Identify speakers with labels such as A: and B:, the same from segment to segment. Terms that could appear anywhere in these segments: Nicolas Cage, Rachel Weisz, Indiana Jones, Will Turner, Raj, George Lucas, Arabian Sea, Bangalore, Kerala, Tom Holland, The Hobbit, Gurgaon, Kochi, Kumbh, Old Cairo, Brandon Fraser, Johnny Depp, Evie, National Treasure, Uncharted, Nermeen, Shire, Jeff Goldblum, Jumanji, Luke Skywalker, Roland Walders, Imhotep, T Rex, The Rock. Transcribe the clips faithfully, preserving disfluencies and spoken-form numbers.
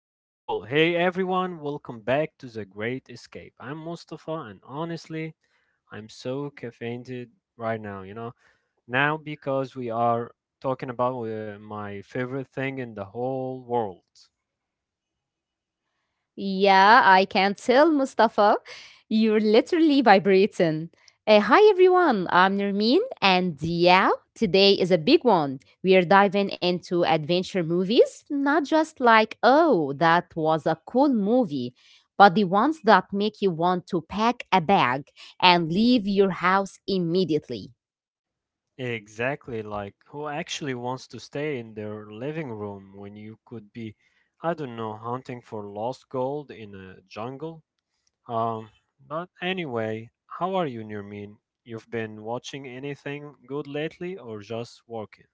A: Yeah, cool. Hey everyone, welcome back to The Great Escape. I'm Mustafa, and honestly, I'm so caffeinated right now, you know? Now because we are talking about uh, my favorite thing in the whole world.
B: Yeah, I can tell, Mustafa. You're literally vibrating. Uh, hi, everyone. I'm Nermeen, and yeah, today is a big one. We are diving into adventure movies, not just like, oh, that was a cool movie, but the ones that make you want to pack a bag and leave your house immediately.
A: Exactly, like who actually wants to stay in their living room when you could be, I don't know, hunting for lost gold in a jungle? Um, but anyway, how are you, Nirmin? You've been watching anything good lately or just working?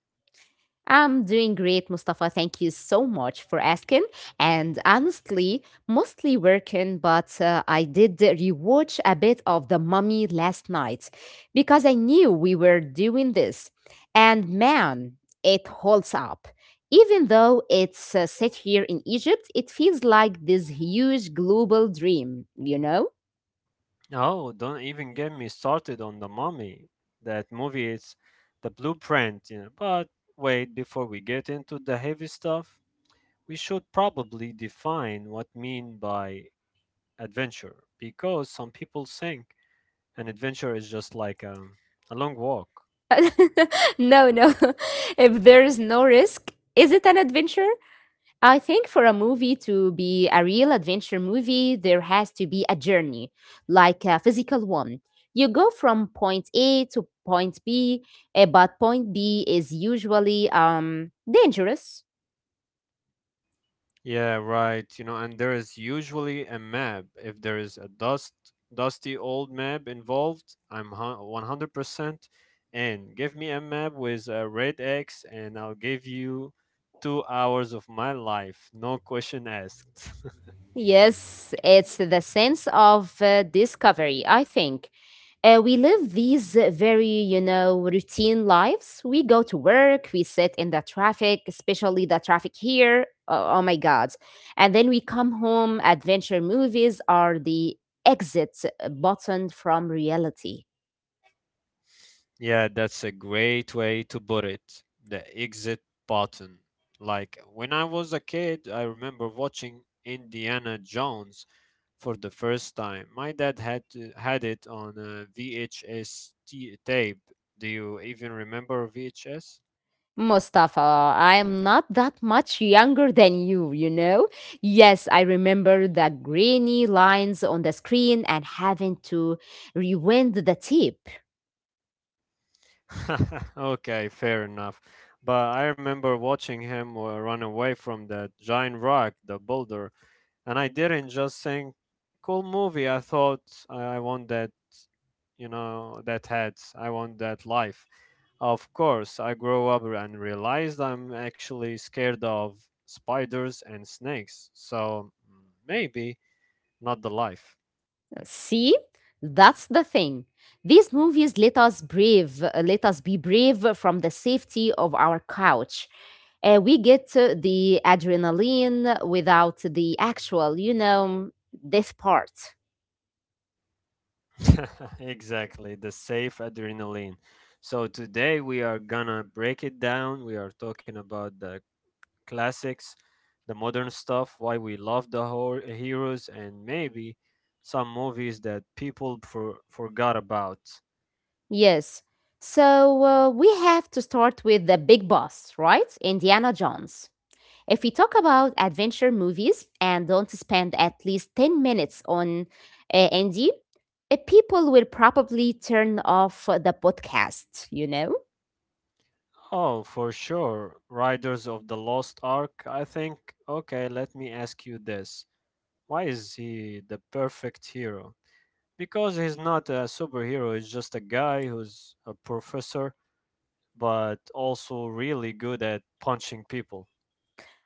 B: I'm doing great, Mustafa. Thank you so much for asking. And honestly, mostly working, but uh, I did rewatch a bit of The Mummy last night because I knew we were doing this. And man, it holds up. Even though it's uh, set here in Egypt, it feels like this huge global dream, you know?
A: Oh, don't even get me started on The Mummy. That movie is the blueprint, you know. But wait, before we get into the heavy stuff, we should probably define what mean by adventure because some people think an adventure is just like um, a long walk.
B: No, no. If there is no risk, is it an adventure? I think for a movie to be a real adventure movie, there has to be a journey, like a physical one. You go from point A to point B, eh, but point B is usually um, dangerous.
A: Yeah, right. You know, and there is usually a map. If there is a dust dusty old map involved, I'm hu- one hundred percent in. Give me a map with a red X and I'll give you two hours of my life, no question asked.
B: Yes, it's the sense of uh, discovery, I think. Uh, we live these uh, very, you know, routine lives. We go to work, we sit in the traffic, especially the traffic here. Oh, oh my God. And then we come home. Adventure movies are the exit uh, button from reality.
A: Yeah, that's a great way to put it. The exit button. Like when I was a kid, I remember watching Indiana Jones for the first time. My dad had to, had it on a V H S tape. Do you even remember V H S?
B: Mustafa, I am not that much younger than you, you know? Yes, I remember the grainy lines on the screen and having to rewind the tape.
A: Okay, fair enough. But I remember watching him uh, run away from that giant rock, the boulder, and I didn't just think, cool movie. I thought, I I want that, you know, that heads, I want that life. Of course I grew up and realized I'm actually scared of spiders and snakes, so mm, maybe not the life.
B: See? That's the thing. These movies let us brave, let us be brave from the safety of our couch. Uh, we get uh, the adrenaline without the actual, you know, death part.
A: Exactly, the safe adrenaline. So today we are gonna break it down. We are talking about the classics, the modern stuff, why we love the hor- heroes, and maybe some movies that people for- forgot about.
B: Yes. So uh, we have to start with the big boss, right? Indiana Jones. If we talk about adventure movies and don't spend at least ten minutes on uh, Indy, uh, people will probably turn off the podcast, you know?
A: Oh, for sure. Riders of the Lost Ark, I think. Okay, let me ask you this. Why is he the perfect hero? Because he's not a superhero, he's just a guy who's a professor, but also really good at punching people.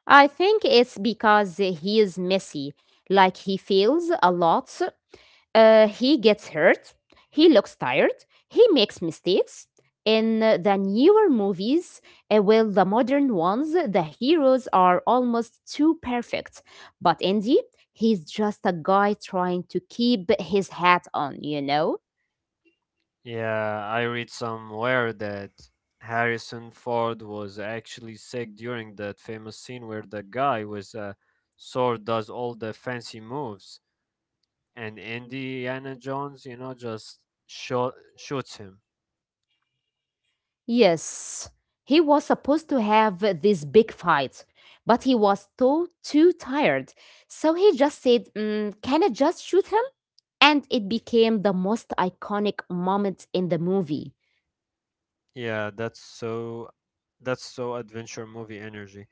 B: I think it's because he is messy, like he fails a lot. Uh, he gets hurt, he looks tired, he makes mistakes. In uh, the newer movies, uh, well, the modern ones, the heroes are almost too perfect. But Andy, he's just a guy trying to keep his hat on, you know?
A: Yeah, I read somewhere that Harrison Ford was actually sick during that famous scene where the guy with a sword does all the fancy moves and Indiana Jones, you know, just shot shoots him.
B: Yes, he was supposed to have this big fight, but he was too, too tired. So he just said, mm, can I just shoot him? And it became the most iconic moment in the movie.
A: Yeah, that's so that's so adventure movie energy.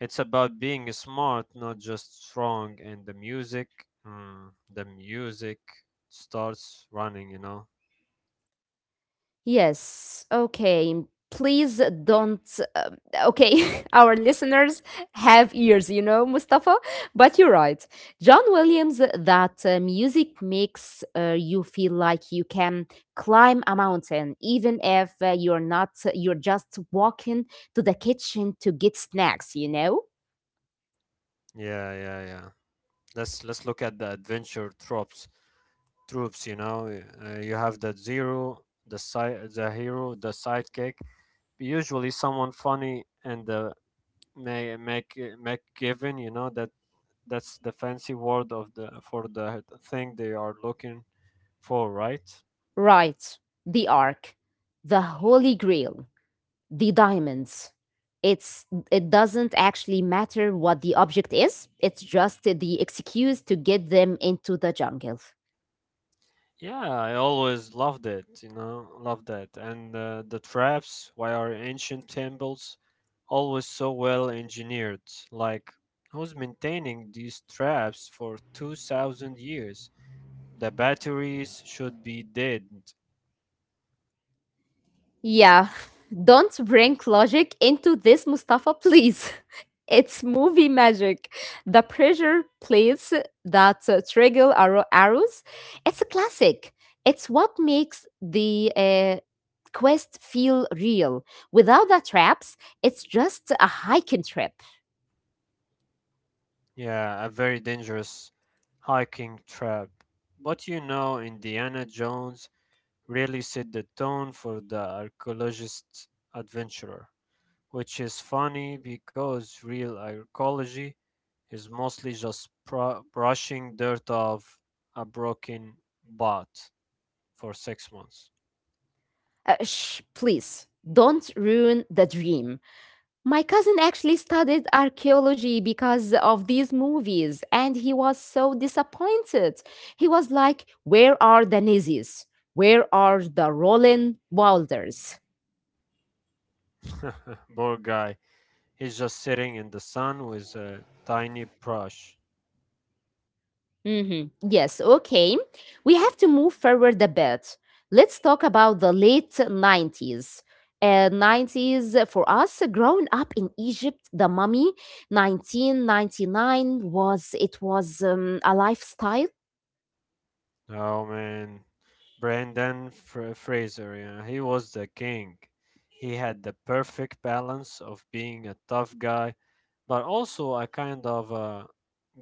A: It's about being smart, not just strong. And the music, mm, the music starts running, you know.
B: Yes, okay. Please don't. um, okay, our listeners have ears, you know, Mustafa, but you're right. John Williams, that uh, music makes uh, you feel like you can climb a mountain, even if uh, you're not, you're just walking to the kitchen to get snacks, you know?
A: Yeah, yeah, yeah. Let's let's look at the adventure tropes. Troops, you know, uh, you have the zero, the side, the hero, the sidekick. Usually someone funny and the Mac make given, you know, that that's the fancy word of the for the thing they are looking for, right?
B: Right, the Ark, the Holy Grail, the diamonds. It's it doesn't actually matter what the object is. It's just the excuse to get them into the jungle.
A: Yeah, I always loved it, you know, loved that. And uh, the traps, why are ancient temples always so well engineered? Like, who's maintaining these traps for two thousand years? The batteries should be dead.
B: Yeah, don't bring logic into this, Mustafa, please. It's movie magic. The pressure plates that uh, trigger arrow- arrows, it's a classic. It's what makes the uh, quest feel real. Without the traps, it's just a hiking trip.
A: Yeah, a very dangerous hiking trap. But you know, Indiana Jones really set the tone for the archaeologist adventurer, which is funny because real archaeology is mostly just pro- brushing dirt off a broken bot for six months.
B: Uh, shh, please, don't ruin the dream. My cousin actually studied archaeology because of these movies, and he was so disappointed. He was like, where are the Nazis? Where are the Roland Walders?
A: Poor guy. He's just sitting in the sun with a tiny brush.
B: hmm Yes, okay. We have to move forward a bit. Let's talk about the late nineties. Uh, nineties uh, for us, uh, growing up in Egypt, the mummy nineteen ninety-nine, was it was um, a lifestyle.
A: Oh man. Brandon Fra- Fraser, yeah, he was the king. He had the perfect balance of being a tough guy but also a kind of a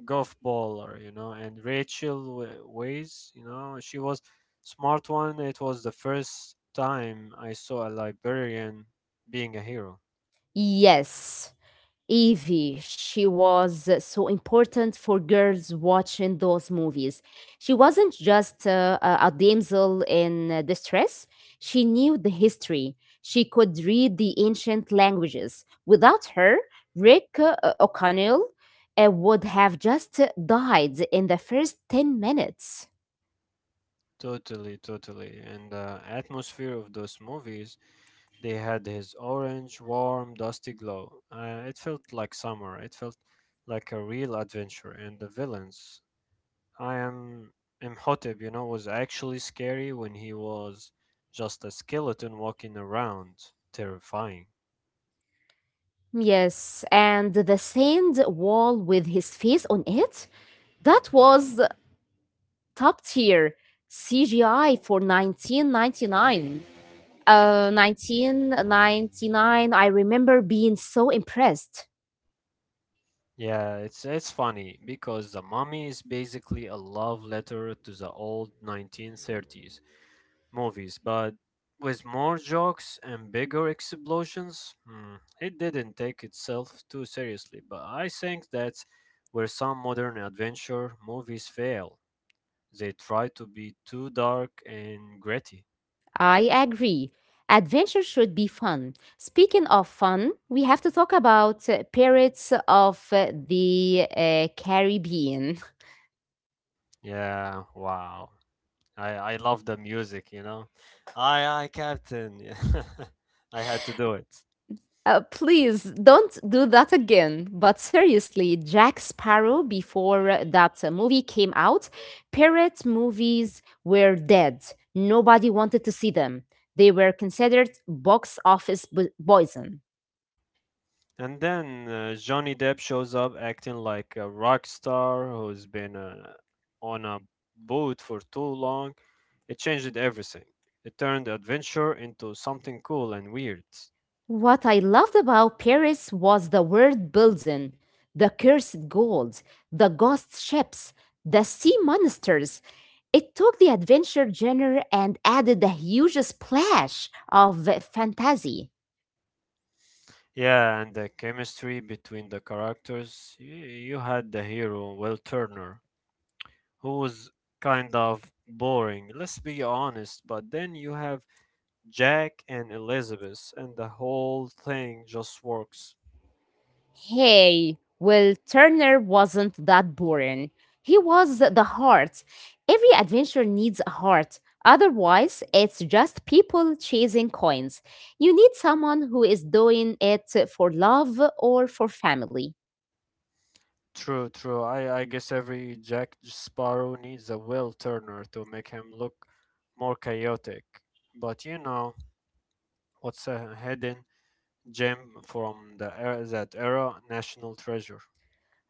A: golf baller, you know. And Rachel Wa- Weisz, you know, she was smart one. It was the first time I saw a librarian being a hero.
B: Yes. Evie, she was uh, so important for girls watching those movies. She wasn't just uh, a a damsel in uh, distress, she knew the history. She could read the ancient languages. Without her, Rick uh, O'Connell uh, would have just uh, died in the first ten minutes.
A: Totally, totally. And the atmosphere of those movies, they had his orange, warm, dusty glow. Uh, it felt like summer. It felt like a real adventure. And the villains, I am Imhotep, you know, was actually scary when he was just a skeleton walking around. Terrifying.
B: Yes, and the sand wall with his face on it? That was top tier C G I for nineteen ninety-nine. Uh, nineteen ninety-nine, I remember being so impressed.
A: Yeah, it's it's funny because the mummy is basically a love letter to the old nineteen thirties movies, but with more jokes and bigger explosions. Hmm, it didn't take itself too seriously, but I think that's where some modern adventure movies fail. They try to be too dark and gritty.
B: I agree. Adventure should be fun. Speaking of fun, we have to talk about uh, Pirates of uh, the uh, Caribbean.
A: Yeah, wow. I, I love the music, you know. Aye, aye, Captain. Yeah. I had to do it.
B: Uh, please don't do that again. But seriously, Jack Sparrow, before uh, that uh, movie came out, pirate movies were dead. Nobody wanted to see them. They were considered box office bo- poison.
A: And then uh, Johnny Depp shows up acting like a rock star who's been uh, on a boat for too long. It changed everything. It turned adventure into something cool and weird.
B: What I loved about Paris was the world building, the cursed gold, the ghost ships, the sea monsters. It took the adventure genre and added a huge splash of uh, fantasy.
A: Yeah, and the chemistry between the characters. You, you had the hero, Will Turner, who's kind of boring, let's be honest. But then you have Jack and Elizabeth, and the whole thing just works.
B: Hey, well, Turner wasn't that boring. He was the heart. Every adventure needs a heart. Otherwise, it's just people chasing coins. You need someone who is doing it for love or for family.
A: True, true. I, I guess every Jack Sparrow needs a Will Turner to make him look more chaotic. But you know, what's a hidden gem from the era, that era? National Treasure.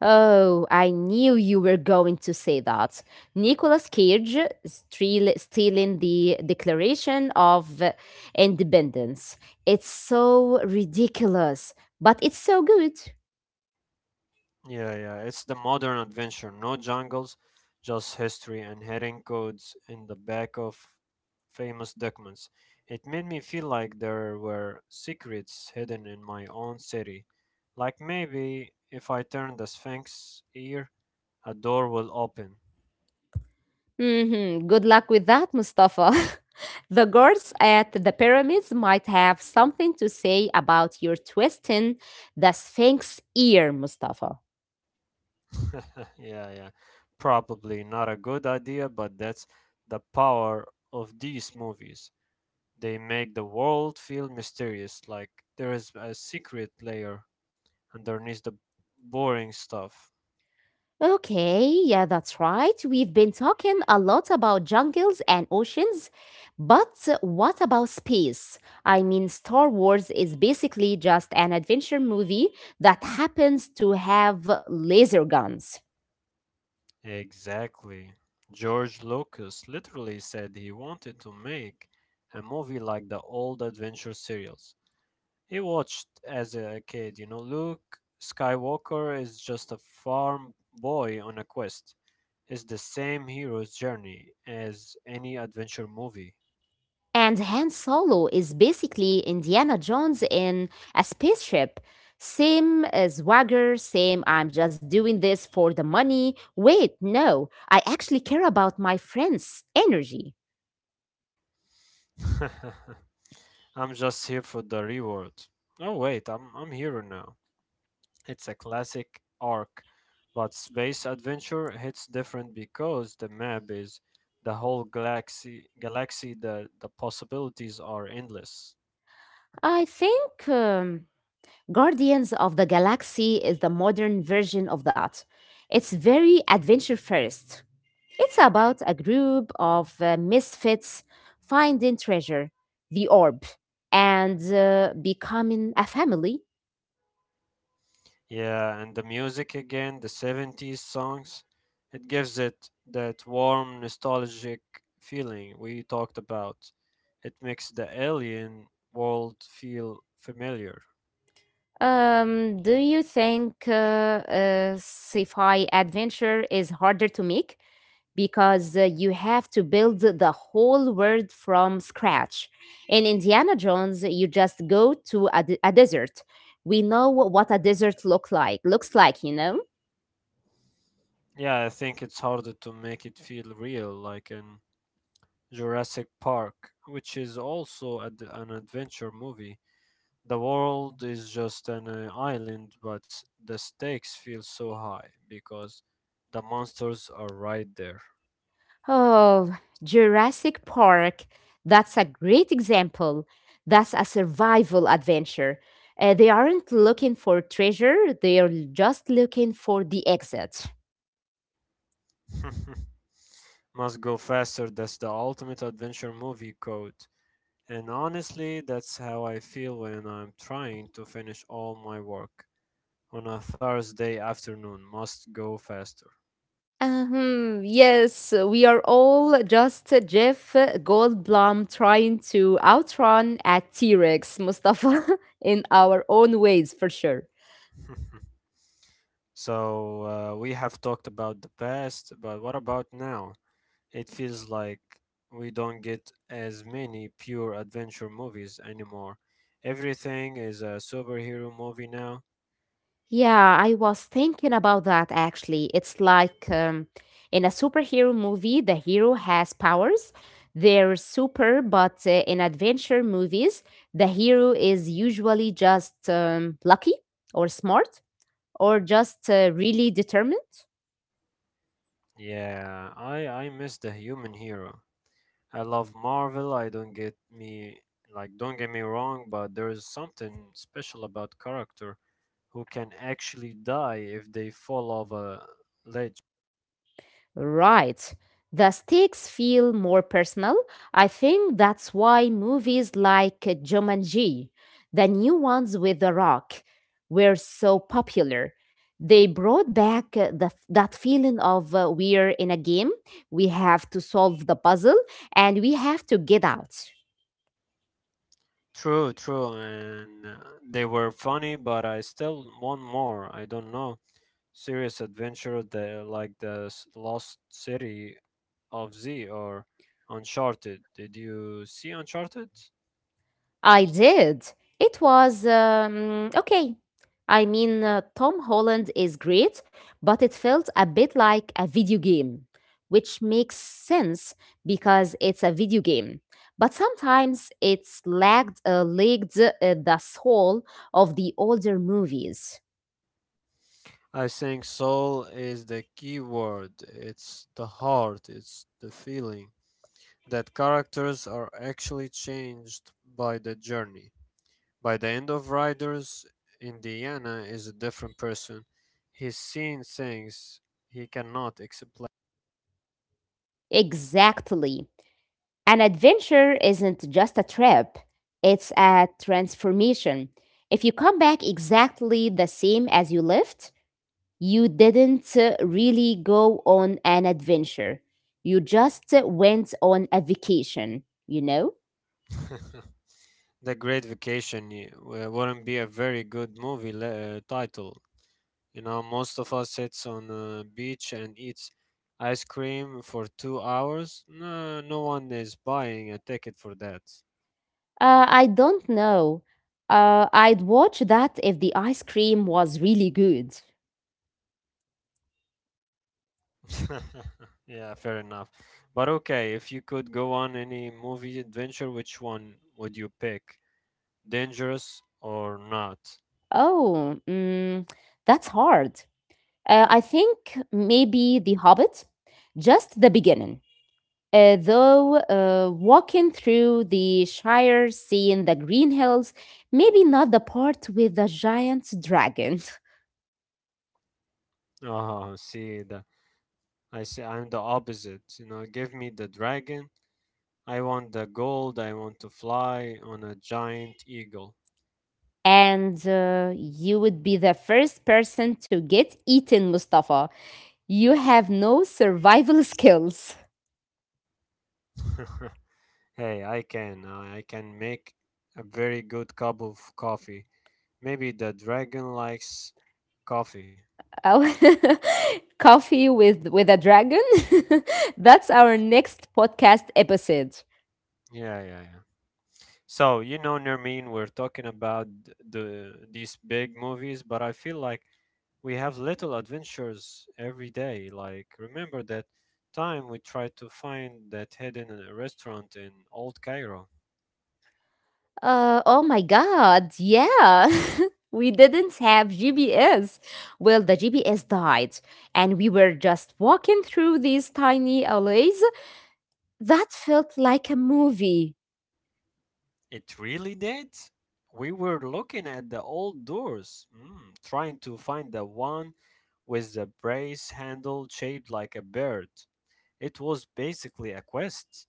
B: Oh, I knew you were going to say that. Nicolas Cage steal, stealing the Declaration of Independence. It's so ridiculous, but it's so good.
A: Yeah, yeah. It's the modern adventure. No jungles, just history and hidden codes in the back of famous documents. It made me feel like there were secrets hidden in my own city. Like maybe if I turn the Sphinx ear, a door will open.
B: hmm Good luck with that, Mustafa. The guards at the pyramids might have something to say about your twisting the Sphinx ear, Mustafa.
A: Yeah, yeah. Probably not a good idea, but that's the power of these movies. They make the world feel mysterious, like there is a secret layer underneath the boring stuff.
B: Okay, yeah, that's right. We've been talking a lot about jungles and oceans, but what about space? I mean, Star Wars is basically just an adventure movie that happens to have laser guns.
A: Exactly. George Lucas literally said he wanted to make a movie like the old adventure serials he watched as a kid. You know, Luke Skywalker is just a farm boy on a quest. It's the same hero's journey as any adventure movie.
B: And Han Solo is basically Indiana Jones in a spaceship. Same uh, swagger, same I'm just doing this for the money. Wait, no, I actually care about my friends' energy.
A: I'm just here for the reward. Oh wait, I'm I'm here now. It's a classic arc, but Space Adventure hits different because the map is the whole galaxy galaxy, the the possibilities are endless.
B: I think um, Guardians of the Galaxy is the modern version of that. It's very adventure first. It's about a group of uh, misfits finding treasure, the orb, and uh, becoming a family.
A: Yeah, and the music again, the seventies songs, it gives it that warm nostalgic feeling we talked about. It makes the alien world feel familiar.
B: Um, do you think uh, uh, sci-fi adventure is harder to make because uh, you have to build the whole world from scratch? In Indiana Jones, you just go to a, de- a desert. We know what a desert look like looks like, you know.
A: Yeah, I think it's harder to make it feel real, like in Jurassic Park, which is also ad- an adventure movie. The world is just an uh, island, but the stakes feel so high because the monsters are right there.
B: Oh, Jurassic Park. That's a great example. That's a survival adventure. Uh, they aren't looking for treasure, they are just looking for the exit.
A: Must go faster, that's the ultimate adventure movie code. And honestly, that's how I feel when I'm trying to finish all my work on a Thursday afternoon. Must go faster.
B: Um, yes, we are all just Jeff Goldblum trying to outrun a T Rex, Mustafa, in our own ways for sure.
A: So uh, we have talked about the past, but what about now? It feels like we don't get as many pure adventure movies anymore. Everything is a superhero movie now.
B: Yeah, I was thinking about that actually. It's like um, in a superhero movie, the hero has powers. They're super, but uh, in adventure movies, the hero is usually just um, lucky or smart or just uh, really determined.
A: Yeah, I I miss the human hero. I love Marvel. I don't get me like Don't get me wrong, but there is something special about character who can actually die if they fall off a ledge.
B: Right. The stakes feel more personal. I think that's why movies like Jumanji, the new ones with The Rock, were so popular. They brought back uh, the, that feeling of uh, we're in a game, we have to solve the puzzle, and we have to get out.
A: True, true, and uh, they were funny, but I still want more. I don't know. Serious adventure the, like the s- Lost City of Z or Uncharted. Did you see Uncharted?
B: I did. It was um, okay. I mean, uh, Tom Holland is great, but it felt a bit like a video game, which makes sense because it's a video game. But sometimes it's lagged, uh, lagged uh, the soul of the older movies.
A: I think soul is the key word. It's the heart, it's the feeling that characters are actually changed by the journey. By the end of Riders, Indiana is a different person. He's seen things he cannot explain.
B: Exactly. An adventure isn't just a trip, it's a transformation. If you come back exactly the same as you left, you didn't uh, really go on an adventure. You just uh, went on a vacation, you know?
A: The Great Vacation y- w- wouldn't be a very good movie le- uh, title. You know, most of us sits on a beach and eats ice cream for two hours. No, no one is buying a ticket for that.
B: Uh, I don't know. Uh, I'd watch that if the ice cream was really good.
A: Yeah, fair enough. But okay, if you could go on any movie adventure, which one would you pick, dangerous or not?
B: Oh, mm, that's hard. Uh, I think maybe The Hobbit, just the beginning. Uh, though uh, walking through the Shire, seeing the green hills, maybe not the part with the giant dragon.
A: Oh, see the I see I'm the opposite. You know, give me the dragon. I want the gold. I want to fly on a giant eagle.
B: And uh, you would be the first person to get eaten, Mustafa. You have no survival skills.
A: Hey, I can. I can make a very good cup of coffee. Maybe the dragon likes coffee.
B: Oh, coffee with with a dragon. That's our next podcast episode.
A: Yeah, yeah, yeah. So, you know, Nermeen, we're talking about th- the these big movies, but I feel like we have little adventures every day. Like, remember that time we tried to find that hidden uh, restaurant in Old Cairo?
B: Uh, oh my God, yeah. We didn't have G P S. Well, the G P S died, and we were just walking through these tiny alleys that felt like a movie.
A: It really did? We were looking at the old doors, mm, trying to find the one with the brace handle shaped like a bird. It was basically a quest.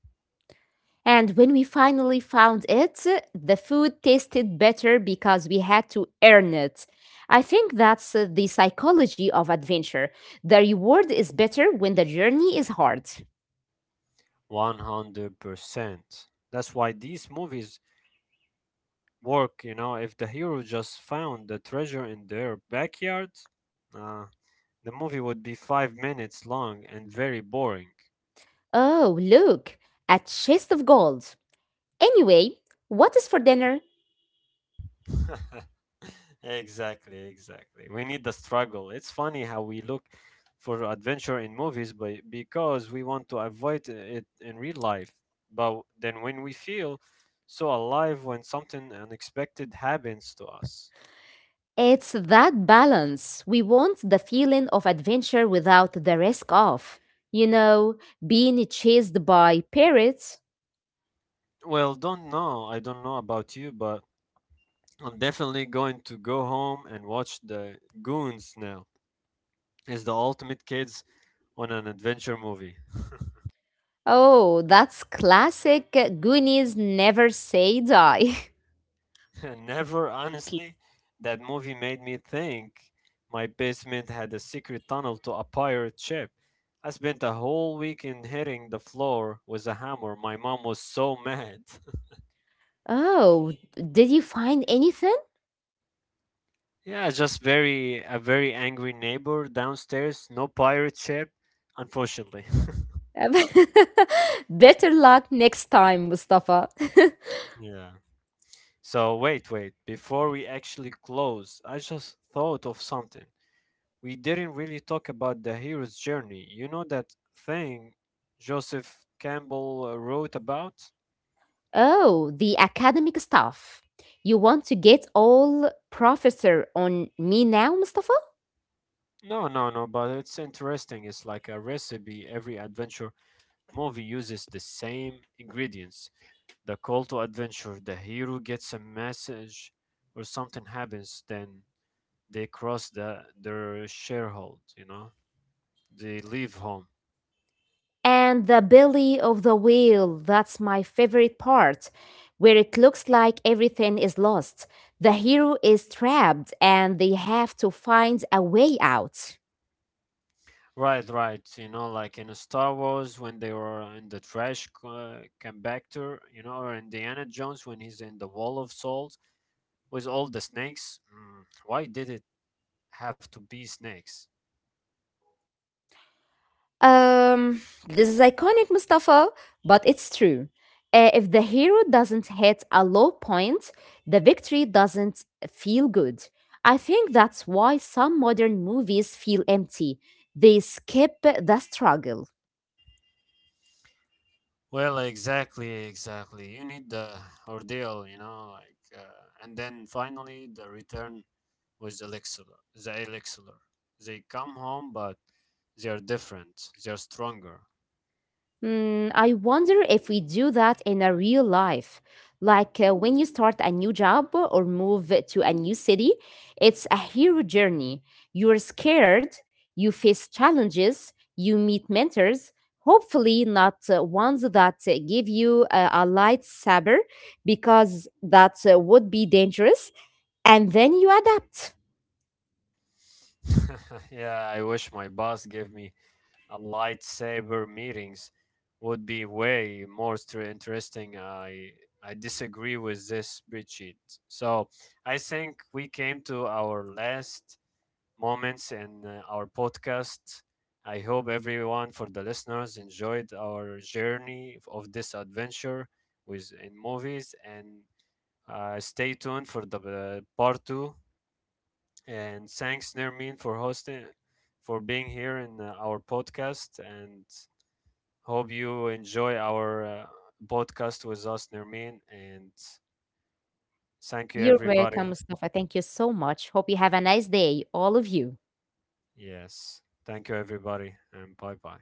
B: And when we finally found it, the food tasted better because we had to earn it. I think that's uh, the psychology of adventure. The reward is better when the journey is hard.
A: one hundred percent. That's why these movies work, you know, if the hero just found the treasure in their backyard, uh, the movie would be five minutes long and very boring.
B: Oh, look, a chest of gold. Anyway, what is for dinner?
A: Exactly, exactly. We need the struggle. It's funny how we look for adventure in movies, but because we want to avoid it in real life. But then when we feel so alive when something unexpected happens to us.
B: It's that balance. We want the feeling of adventure without the risk of, you know, being chased by parrots.
A: Well, don't know. I don't know about you, but I'm definitely going to go home and watch the Goons now. It's the ultimate kids on an adventure movie.
B: Oh, that's classic. Goonies never say die.
A: Never, honestly, that movie made me think my basement had a secret tunnel to a pirate ship. I spent a whole weekend hitting the floor with a hammer. My mom was so mad.
B: Oh, did you find anything?
A: Yeah, just very a very angry neighbor downstairs. No pirate ship, unfortunately.
B: Better luck next time, Mustafa.
A: Yeah. So wait, wait. Before we actually close, I just thought of something. We didn't really talk about the hero's journey. You know that thing Joseph Campbell uh, wrote about?
B: Oh, the academic stuff. You want to get all professor on me now, Mustafa?
A: No, no, no, but it's interesting. It's like a recipe. Every adventure movie uses the same ingredients. The call to adventure, the hero gets a message or something happens, then they cross the their sharehold, you know? They leave home.
B: And the belly of the whale, that's my favorite part, where it looks like everything is lost. The hero is trapped and they have to find a way out.
A: Right, right. You know, like in Star Wars when they were in the trash c- uh, compactor, you know, or Indiana Jones when he's in the Wall of Souls with all the snakes. Mm, why did it have to be snakes?
B: Um, this is iconic, Mustafa, but it's true. Uh, if the hero doesn't hit a low point, the victory doesn't feel good. I think that's why some modern movies feel empty. They skip the struggle.
A: Well, exactly, exactly. You need the ordeal, you know, like, uh, and then finally the return with the elixir, the elixir. They come home, but they are different. They are stronger.
B: Mm, I wonder if we do that in a real life. Like uh, when you start a new job or move to a new city, it's a hero journey. You're scared, you face challenges, you meet mentors, hopefully, not uh, ones that uh, give you uh, a lightsaber because that uh, would be dangerous. And then you adapt.
A: Yeah, I wish my boss gave me a lightsaber. Meetings would be way more stre- interesting. I I disagree with this spreadsheet. So I think we came to our last moments in uh, our podcast. I hope everyone for the listeners enjoyed our journey of this adventure with in movies, and uh, stay tuned for the uh, part two. And thanks, Nermin, for hosting, for being here in uh, our podcast. And hope you enjoy our uh, podcast with us, Nermin, and thank you,
B: You're
A: everybody.
B: welcome, Mustafa. Thank you so much. Hope you have a nice day, all of you.
A: Yes, thank you, everybody, and bye bye.